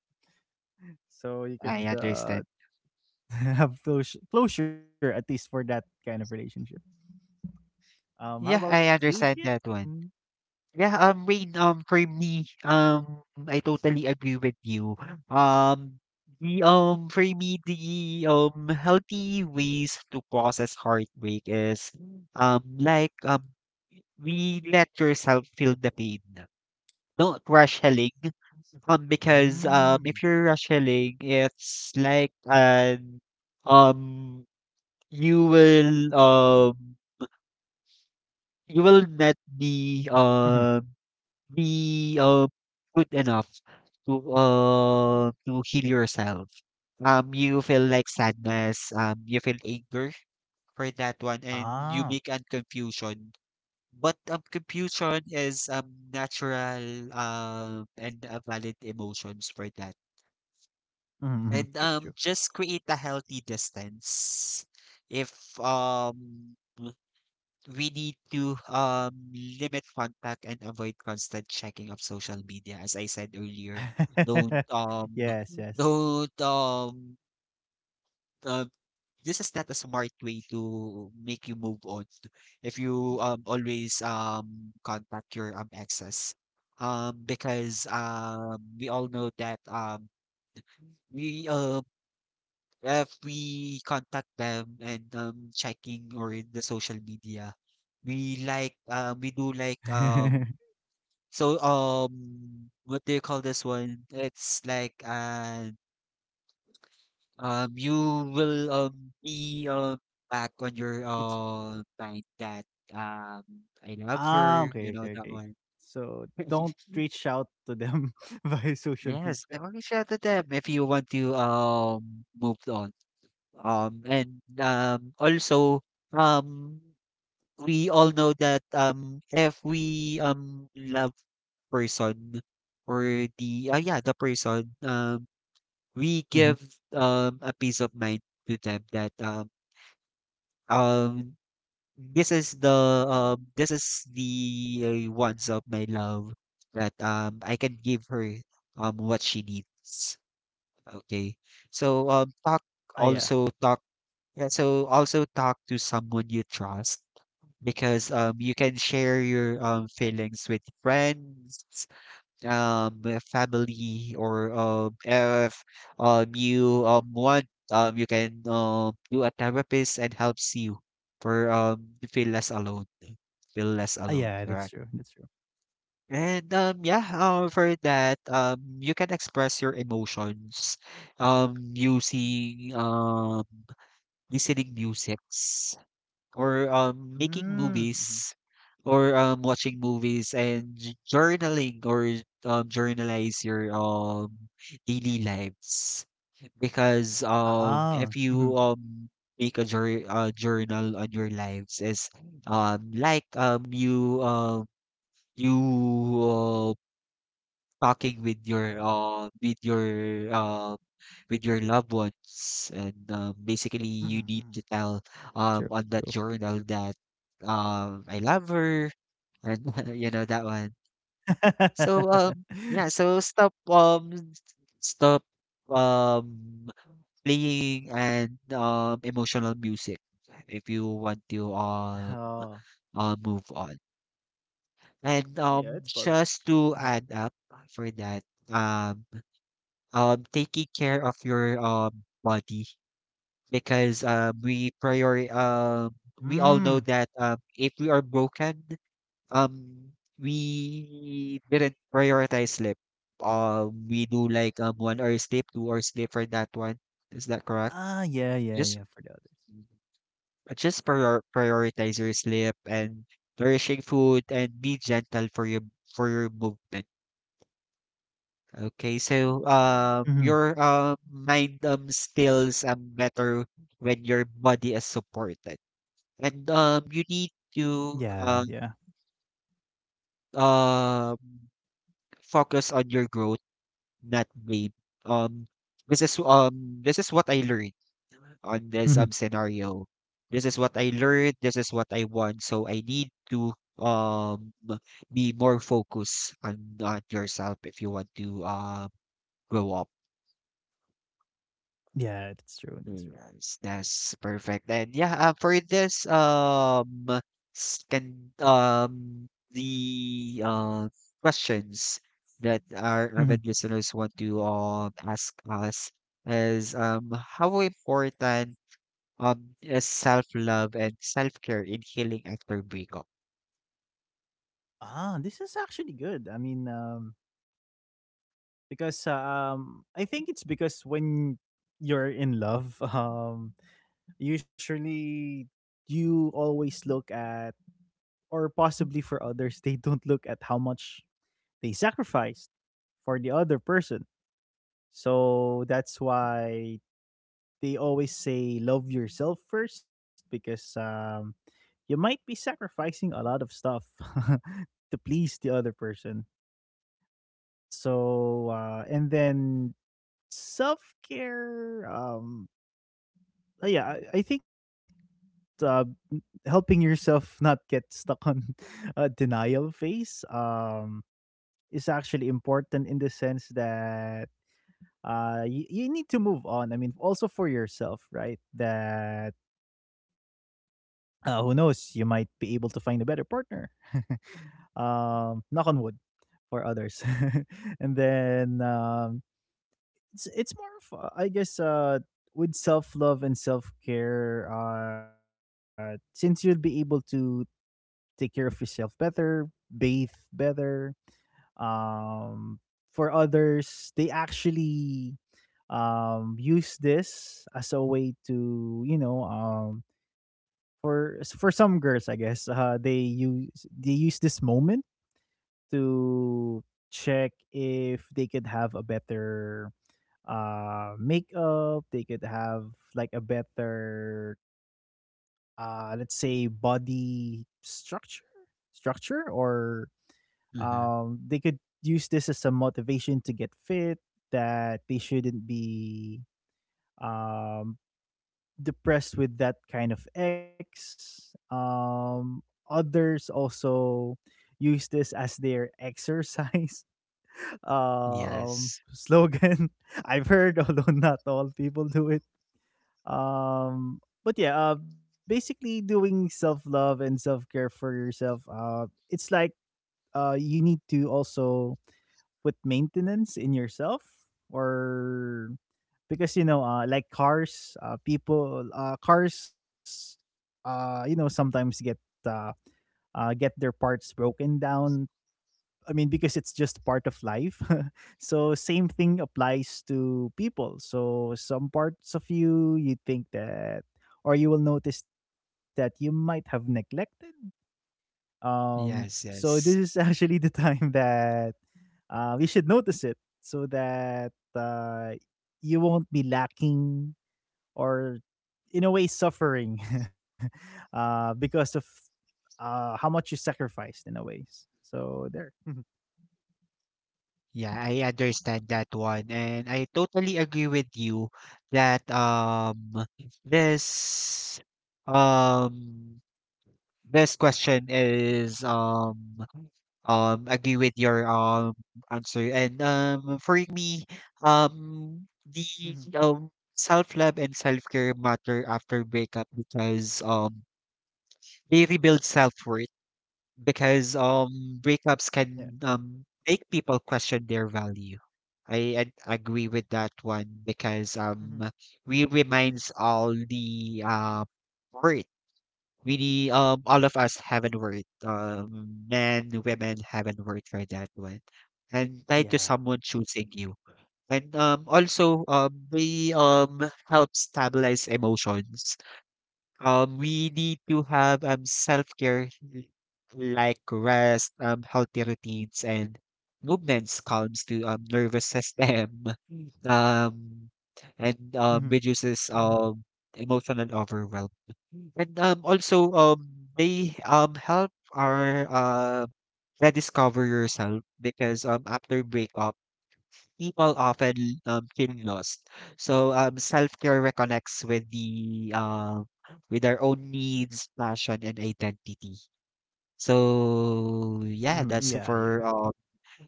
Speaker 2: So you
Speaker 1: I
Speaker 2: could
Speaker 1: understand.
Speaker 2: have closure, closure at least for that kind of relationship. How about
Speaker 1: Yeah, I
Speaker 2: you, Gia?
Speaker 1: understand that one.
Speaker 2: Mm.
Speaker 1: Yeah, Rain, for me, I totally agree with you. Um, the, for me, the, healthy ways to process heartbreak is, like, we let yourself feel the pain. Don't rush healing. Because, if
Speaker 2: Mm.
Speaker 1: you're rush healing, it's like, an, um, you will, um, you will not
Speaker 2: Hmm.
Speaker 1: be, be, uh, good enough to heal yourself. You feel like sadness, you feel anger for that one, and
Speaker 2: Ah.
Speaker 1: you make an confusion. But confusion is natural and valid emotions for that.
Speaker 2: Mm-hmm, mm-hmm.
Speaker 1: And
Speaker 2: True. True.
Speaker 1: just create a healthy distance. If um we need to limit contact and avoid constant checking of social media. As I said earlier, don't um
Speaker 2: Yes. Yes.
Speaker 1: don't uh, this is not a smart way to make you move on. If you always contact your exes, because we all know that we if we contact them and checking or in the social media, we like we do like So, what do you call this one? It's like, you will be back on your
Speaker 2: It's
Speaker 1: mind that um I love
Speaker 2: ah,
Speaker 1: her,
Speaker 2: okay,
Speaker 1: you know
Speaker 2: okay,
Speaker 1: that
Speaker 2: okay.
Speaker 1: one.
Speaker 2: So don't reach out to them via social
Speaker 1: Yes,
Speaker 2: media.
Speaker 1: I only shout to them if you want to move on. And also um we all know that if we love person, or the yeah, the person,
Speaker 2: Mhm.
Speaker 1: we give a peace of mind to them that um this is the ones of my love that I can give her what she needs. Okay. So talk
Speaker 2: Ah, yeah.
Speaker 1: also talk also talk to someone you trust because you can share your feelings with friends, family, or if you want, you can do a therapist and helps you for to feel less alone feel
Speaker 2: Ah,
Speaker 1: less
Speaker 2: yeah,
Speaker 1: alone
Speaker 2: that's true,
Speaker 1: correct.
Speaker 2: that's true.
Speaker 1: And for that, you can express your emotions using, listening music, or making
Speaker 2: Mm, mhm.
Speaker 1: movies, or watching movies and journaling, or journalize your daily lives. Because um, if
Speaker 2: Oh,
Speaker 1: you
Speaker 2: mhm,
Speaker 1: um, make a journal on your lives is like you you uh, talking with your uh, loved ones. And basically, you
Speaker 2: mhm,
Speaker 1: need
Speaker 2: mhm.
Speaker 1: to tell,
Speaker 2: True, true.
Speaker 1: on that journal, that I love her, and you know that one. So yeah. So stop, stop um playing and emotional music if you want to
Speaker 2: Oh.
Speaker 1: move on. And
Speaker 2: Yeah, it's possible.
Speaker 1: just
Speaker 2: Mhm.
Speaker 1: to add up for that um taking care of your body. Because
Speaker 2: Mm.
Speaker 1: we all know that, if we are broken, um, we didn't prioritize sleep. We do like 1 hour sleep, 2 hour sleep for that one. Is that correct?
Speaker 2: Ah, yeah, yeah,
Speaker 1: Just,
Speaker 2: yeah, for the other.
Speaker 1: just prioritize your sleep and nourishing food, and be gentle for your, for your movement. Okay, so
Speaker 2: Mhm.
Speaker 1: your mind feels better when your body is supported. And you need to
Speaker 2: Yeah, yeah.
Speaker 1: uh, um, focus on your growth, not blame. Um, this is what I learned on this
Speaker 2: Mhm.
Speaker 1: scenario. This is what I learned. This is what I want. So I need to um be more focused on yourself if you want to grow up.
Speaker 2: Yeah, that's true, that's true.
Speaker 1: Yes, that's perfect. And yeah, for this scan the questions that our
Speaker 2: Mhm.
Speaker 1: avid listeners want to ask us is, how important is self-love and self-care in healing after breakup?
Speaker 2: Ah, this is actually good. I mean, because I think it's because when you're in love, usually you always look at, or possibly for others, they don't look at how much they sacrificed for the other person. So that's why they always say love yourself first, because you might be sacrificing a lot of stuff to please the other person. So and then self-care, yeah, I think uh helping yourself not get stuck on a denial phase is actually important, in the sense that you need to move on. I mean, also for yourself, right? That who knows, you might be able to find a better partner. Knock on wood for others. And then it's more of, I guess, with self love and self care, since you'll be able to take care of yourself better, bathe better. Um, for others, they actually use this as a way to, you know, for some girls, I guess, they use this moment to check if they could have a better makeup, they could have like a better let's say body structure, or
Speaker 1: Hmm.
Speaker 2: they could use this as a motivation to get fit, that they shouldn't be um depressed with that kind of ex. Others also use this as their exercise
Speaker 1: Yes.
Speaker 2: slogan, I've heard, although not all people do it. But yeah, basically, doing self-love and self-care for yourself, it's like you need to also put maintenance in yourself, or because, you know, like cars people, cars, you know, sometimes uh, get their parts broken down, I mean, because it's just part of life. So same thing applies to people. So some parts of you, you think that, or you will notice that you might have neglected. So
Speaker 1: Yes,
Speaker 2: this is
Speaker 1: yes.
Speaker 2: actually the time that we should notice it, so that you won't be lacking, or in a way suffering, because of how much you sacrificed in a ways. So there. Hmm.
Speaker 1: Yeah, I understand that one. And I totally agree with you that this um this question is, agree with your answer. And for me, the self-love and self-care matter after breakup because they rebuild self-worth, because breakups
Speaker 2: Yeah.
Speaker 1: can make people question their value. I agree with that one, because
Speaker 2: Hmm.
Speaker 1: we reminds all the worth. Really, all of us haven't worth. Men, women haven't worth for that one. And tied to
Speaker 2: Yeah.
Speaker 1: someone choosing you. And also we help stabilize emotions. We need to have self-care, like rest, healthy routines, and movements calms to nervous system, um, and
Speaker 2: Mhm,
Speaker 1: reduces emotional overwhelm. And also they help our rediscover yourself, because after breakup people often feel lost. So self-care reconnects with the with our own needs, passion, and identity. So yeah,
Speaker 2: mhm, yeah, yeah.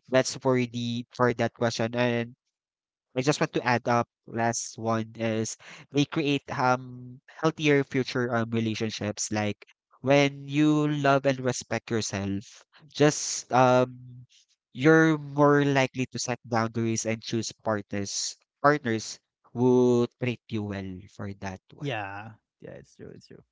Speaker 1: that's for the, for that question. And I just want to add up last one is they create healthier future relationships. Like, when you love and respect yourself, just you're more likely to set boundaries and choose partners who treat you well for that one.
Speaker 2: Yeah, yeah, it's true, it's true.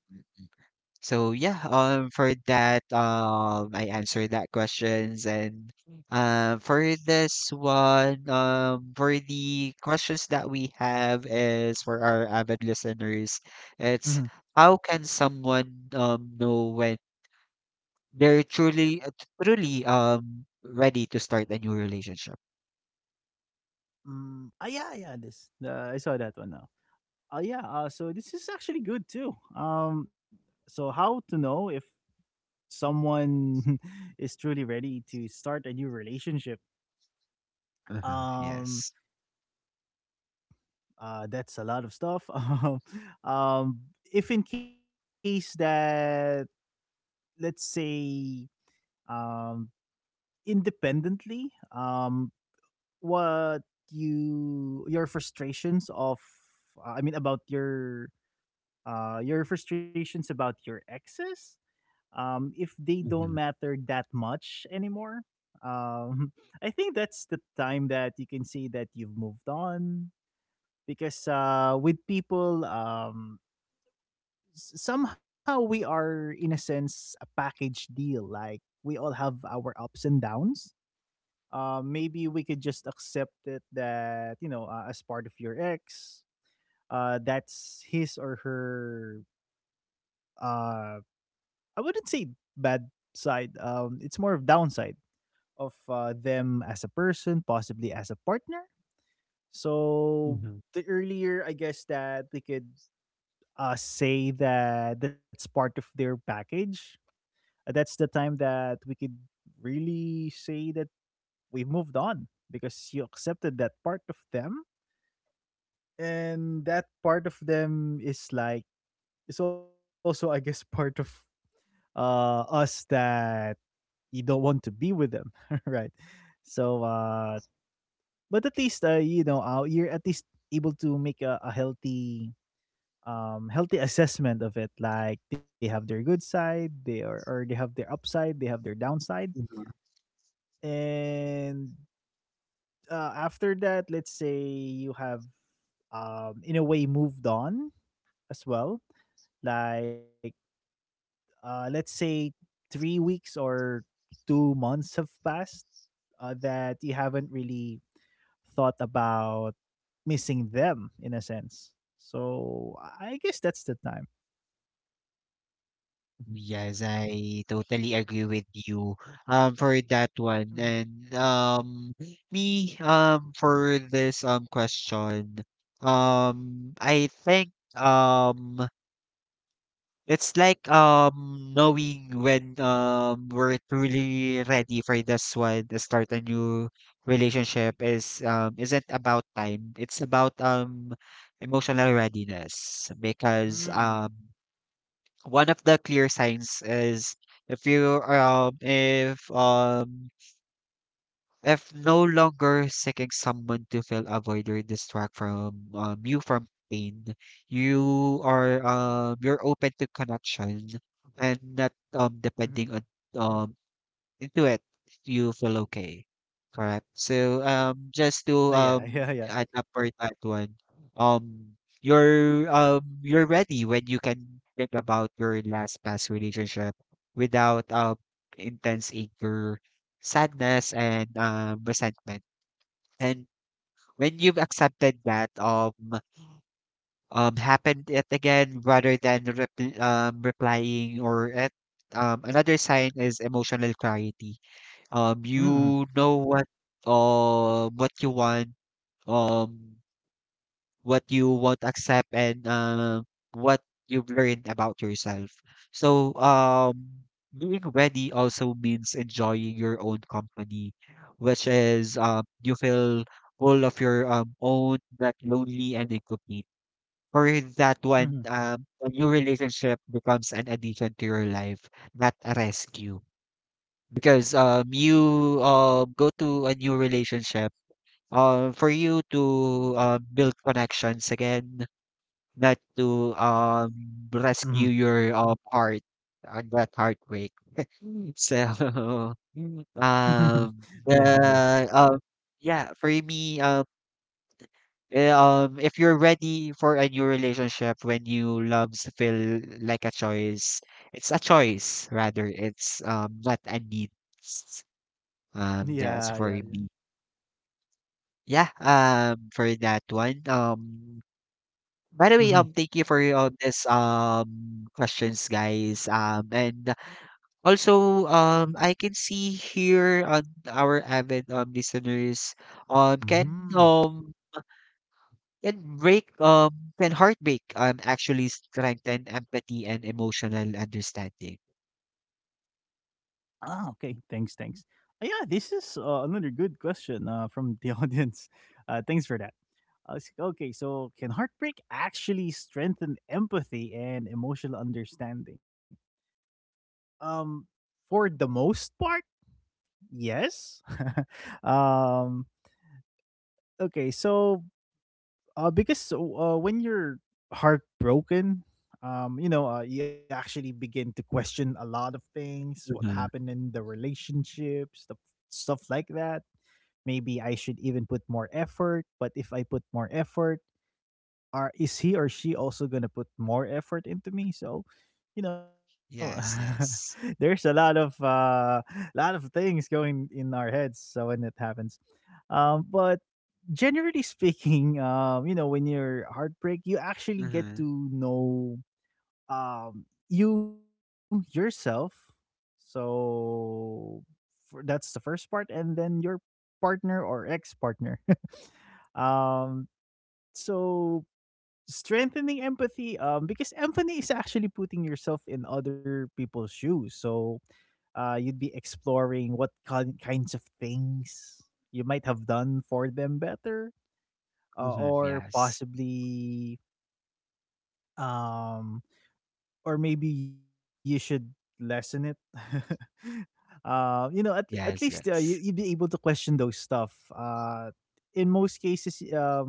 Speaker 1: So yeah, for that, I answered that questions. And for this one, for the questions that we have is for our avid listeners, it's
Speaker 2: Mhm,
Speaker 1: how can someone know when they're truly truly ready to start a new relationship?
Speaker 2: mm, ah, yeah, yeah, this, I saw that one now. Yeah, so this is actually good too. So how to know if someone is truly ready to start a new relationship?
Speaker 1: Uh-huh,
Speaker 2: Um,
Speaker 1: yes.
Speaker 2: that's a lot of stuff. Um, um, if in case that, let's say, um, independently, what your frustrations of about your frustrations about your exes, um, if they don't
Speaker 1: Mm-hmm.
Speaker 2: matter that much anymore, um, I think that's the time that you can say that you've moved on, because with people, um, somehow we are, in a sense, a package deal. Like, we all have our ups and downs. Uh, maybe we could just accept it that, you know, as part of your ex, that's his or her, uh, I wouldn't say bad side, it's more of downside of, them as a person, possibly as a partner. So
Speaker 1: Mm-hmm.
Speaker 2: the earlier, I guess, that we could say that that's part of their package, that's the time that we could really say that we've moved on, because you accepted that part of them, and that part of them is like, it's also, I guess, part of us, that you don't want to be with them. Right? So but at least, you're at least able to make a healthy, healthy assessment of it. Like, they have their good side, they are, or they have their upside, they have their downside. And after that, let's say you have, um, in a way, moved on as well. Like, let's say 3 weeks or 2 months have passed, that you haven't really thought about missing them, in a sense. So I guess that's the time. Mhm.
Speaker 1: Yes, I totally agree with you for that
Speaker 2: Mhm.
Speaker 1: one. And me for this question, I think it's like knowing when we're truly ready for this one to start a new relationship is isn't about time. It's about emotional readiness, because
Speaker 2: Mm-hmm.
Speaker 1: one of the clear signs is if you if no longer seeking someone to fill a void or distract from, you from pain, you are you're open to connection and not
Speaker 2: Mm-hmm.
Speaker 1: depending on um into it, if you feel okay. Correct. So,
Speaker 2: Oh
Speaker 1: just
Speaker 2: yeah,
Speaker 1: to
Speaker 2: yeah, yeah.
Speaker 1: add up for that one, um, you're ready when you can think about your last past relationship without intense anger, sadness, and resentment. And when you've accepted that happened it again, rather than replying or at, another sign is emotional clarity.
Speaker 2: Mm-hmm.
Speaker 1: You know what you want, um what you won't accept, and what you've learned about yourself. So being ready also means enjoying your own company, which is you feel full of your own, not lonely and incomplete. Or that
Speaker 2: Mm-hmm.
Speaker 1: one, a new relationship becomes an addition to your life, not a rescue, because you go to a new relationship for you to build connections again, not to
Speaker 2: Mm-hmm.
Speaker 1: rescue your heart on that heartbreak so um the
Speaker 2: Yeah, yeah.
Speaker 1: yeah for me if you're ready for a new relationship when you loves feel like a choice, it's a choice rather, it's not a need.
Speaker 2: Yeah,
Speaker 1: That's
Speaker 2: yeah,
Speaker 1: for
Speaker 2: yeah.
Speaker 1: me. Yeah, for that one. By the way,
Speaker 2: Mhm.
Speaker 1: thank you for all this questions, guys. And also, I can see here on our avid listeners, um, can
Speaker 2: Mm.
Speaker 1: um can heartbreak actually strengthen empathy and emotional understanding?
Speaker 2: Ah, okay. Thanks, thanks. Yeah, this is another good question from the audience. Thanks for that. Okay, so can heartbreak actually strengthen empathy and emotional understanding? Um, for the most part, yes. Um, okay, so because when you're heartbroken, you know, you actually begin to question a lot of things. What
Speaker 1: Mhm.
Speaker 2: happened in the relationship, stuff like that. Maybe I should even put more effort, but if I put more effort, are is he or she also gonna put more effort into me? So, you know,
Speaker 1: Yes, yes.
Speaker 2: there's a lot of things going in our heads. So when it happens, but generally speaking, you know, when you're heartbreak, you actually get
Speaker 1: Mm-hmm.
Speaker 2: to know you yourself. So for, that's the first part, and then your partner or ex partner. Um, so strengthening empathy, um, because empathy is actually putting yourself in other people's shoes. So you'd be exploring what kinds of things you might have done for them better,
Speaker 1: Mm-hmm.
Speaker 2: or
Speaker 1: Yes.
Speaker 2: possibly, um, or maybe you should lessen it. You know, at least,
Speaker 1: Yes,
Speaker 2: you'd be
Speaker 1: yes.
Speaker 2: able to question those stuff. In most cases, um,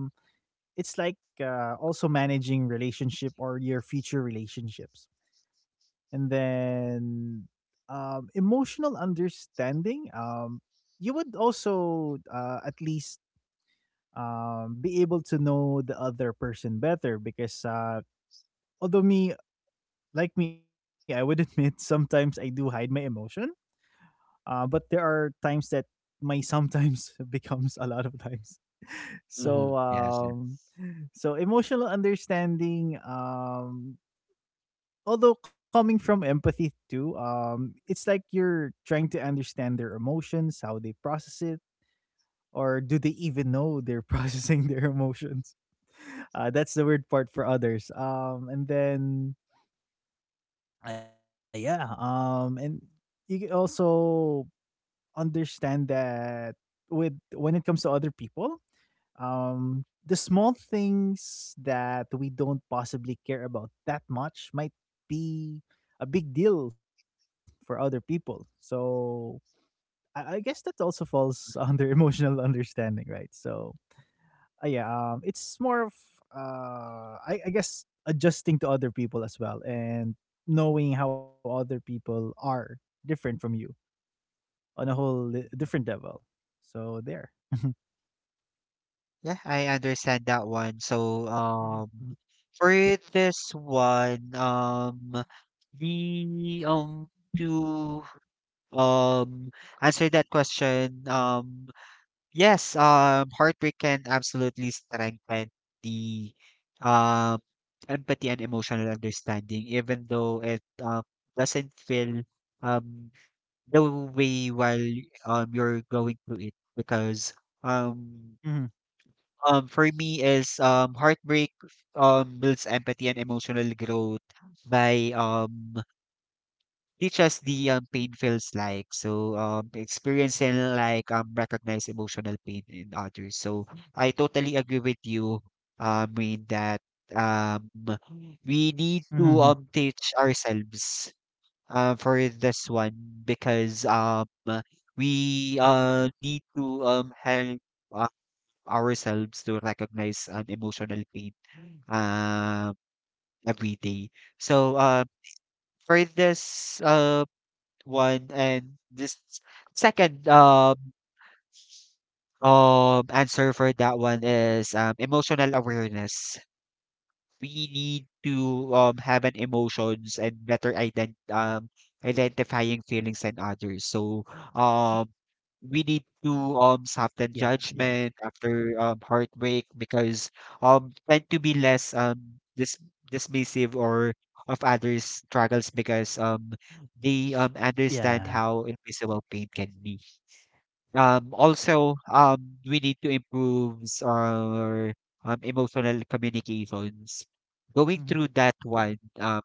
Speaker 2: it's like also managing relationship or your future relationships. And then, um, emotional understanding, um, you would also, at least, be able to know the other person better because, although me, like me, I would admit sometimes I do hide my emotion. Uh, but there are times that my sometimes becomes a lot of times. So
Speaker 1: Mm-hmm. Yes,
Speaker 2: um,
Speaker 1: yes.
Speaker 2: so emotional understanding, um, although coming from empathy too, um, it's like you're trying to understand their emotions, how they process it, or do they even know they're processing their emotions. That's the weird part for others. And then yeah, and you can also understand that with when it comes to other people, the small things that we don't possibly care about that much might be a big deal for other people. So I guess that also falls under emotional understanding, right? So yeah, it's more of I guess adjusting to other people as well, and knowing how other people are different from you on a whole different level. So there.
Speaker 1: Yeah, I understand that one. So,
Speaker 2: Mhm.
Speaker 1: for this one, the to um answer that question, yes, heartbreak can absolutely strengthen the um empathy and emotional understanding, even though it doesn't feel um the way while you're going through it because. Um,
Speaker 2: Mhm,
Speaker 1: for me is heartbreak builds empathy and emotional growth by teach us the, pain feels like. So experiencing like recognize emotional pain in others. So I totally agree with you, in that um we need to
Speaker 2: mhm.
Speaker 1: teach ourselves for this one, because we need to help ourselves to recognize an emotional pain um every day. So for this one. And this second answer for that one is, emotional awareness. We need to have an emotions and better identifying feelings and others. So um,
Speaker 2: Yeah.
Speaker 1: we
Speaker 2: Yeah.
Speaker 1: need to soften judgment after heartbreak, because tend to be less dismissive or of others' struggles, because they
Speaker 2: Yeah.
Speaker 1: understand how invisible pain can be. Also, we need to improve our emotional communications. Going
Speaker 2: Mhm,
Speaker 1: through that one,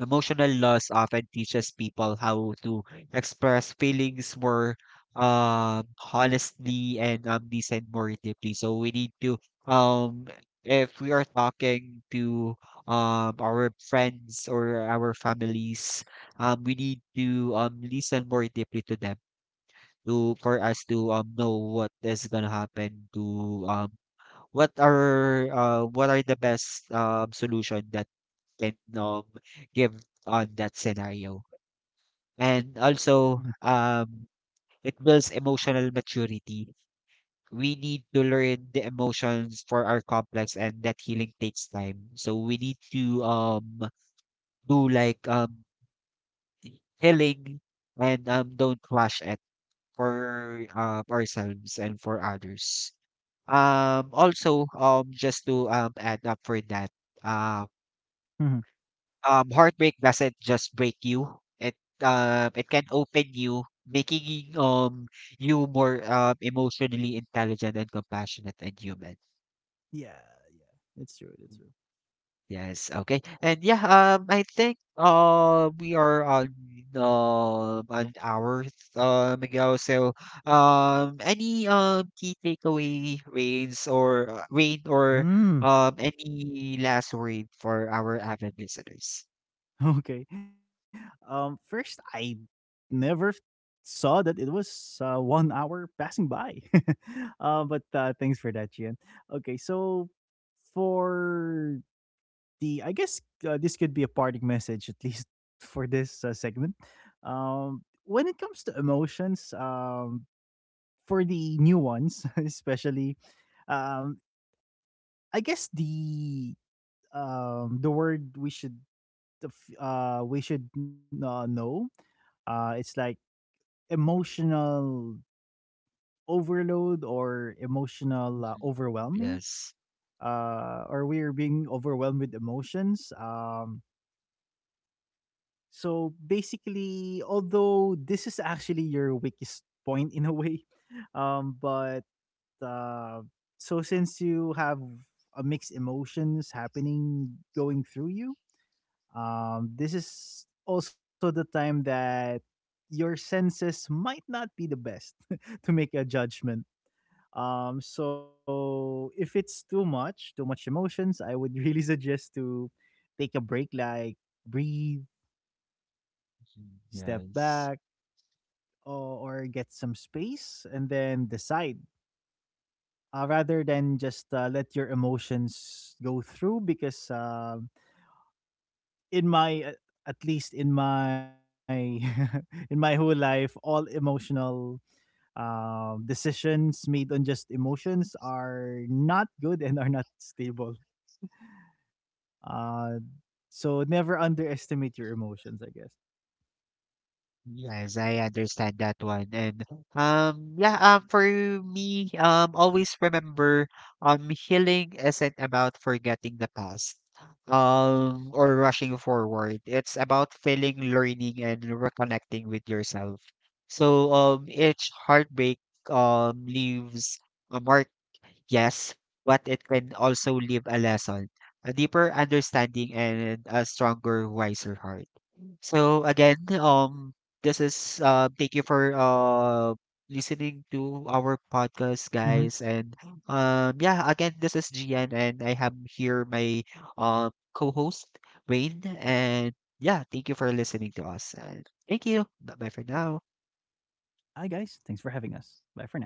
Speaker 1: emotional loss often teaches people how to express feelings more um, honestly, and listen more deeply. So we need to, um, if we are talking to, our friends or our families, we need to listen more deeply to them, to for us to know what is gonna happen to, what are, what are the best solution that can give on that scenario. And
Speaker 2: mhm,
Speaker 1: also it builds emotional maturity. We need to learn the emotions for our complex, and that healing takes time. So we need to do like healing, and don't rush it for ourselves and for others. Also, just to add up for that, uh,
Speaker 2: mhm.
Speaker 1: heartbreak doesn't just break you. It it can open you, making you more emotionally intelligent and compassionate and human.
Speaker 2: Yeah, yeah. It's true. It's true.
Speaker 1: Yes, okay. And yeah, I think we are on an hour ago. So any key takeaway rains, or rain, or
Speaker 2: Mm,
Speaker 1: any last word for our avid listeners?
Speaker 2: okay. First, I never saw that it was 1 hour passing by. But thanks for that, Gian. Okay, so for the, I guess, this could be a parting message, at least, for this segment. Um, when it comes to emotions, for the new ones, especially, um, I guess the, the word we should, know, it's like emotional overload, or emotional,
Speaker 1: Mhm.
Speaker 2: overwhelming,
Speaker 1: Yes.
Speaker 2: or we're being overwhelmed with emotions. Um, so basically, although this is actually your weakest point in a way, but, uh, so since you have a mixed emotions happening going through you, this is also the time that your senses might not be the best to make a judgment. So if it's too much emotions, I would really suggest to take a break, like, breathe,
Speaker 1: Mhm.
Speaker 2: step
Speaker 1: Yes.
Speaker 2: back, or get some space, and then decide. Rather than just let your emotions go through, because, um, in my at least in my in my whole life, all emotional, decisions made on just emotions are not good, and are not stable. Uh, so never underestimate your emotions, I guess.
Speaker 1: Yes, I understand that one. And yeah, for me, always remember, healing isn't about forgetting the past or rushing forward. It's about feeling, learning, and reconnecting with yourself. So each heartbreak leaves a mark, yes, but it can also leave a lesson, a deeper understanding, and a stronger, wiser heart. So again, this is, thank you for listening to our podcast,
Speaker 2: Hmm
Speaker 1: guys. And yeah, again, this is GN, and I have here my co-host Wayne. And yeah, thank you for listening to us. And thank you. Bye bye for now.
Speaker 2: Hi, guys. Thanks for having us. Bye for now.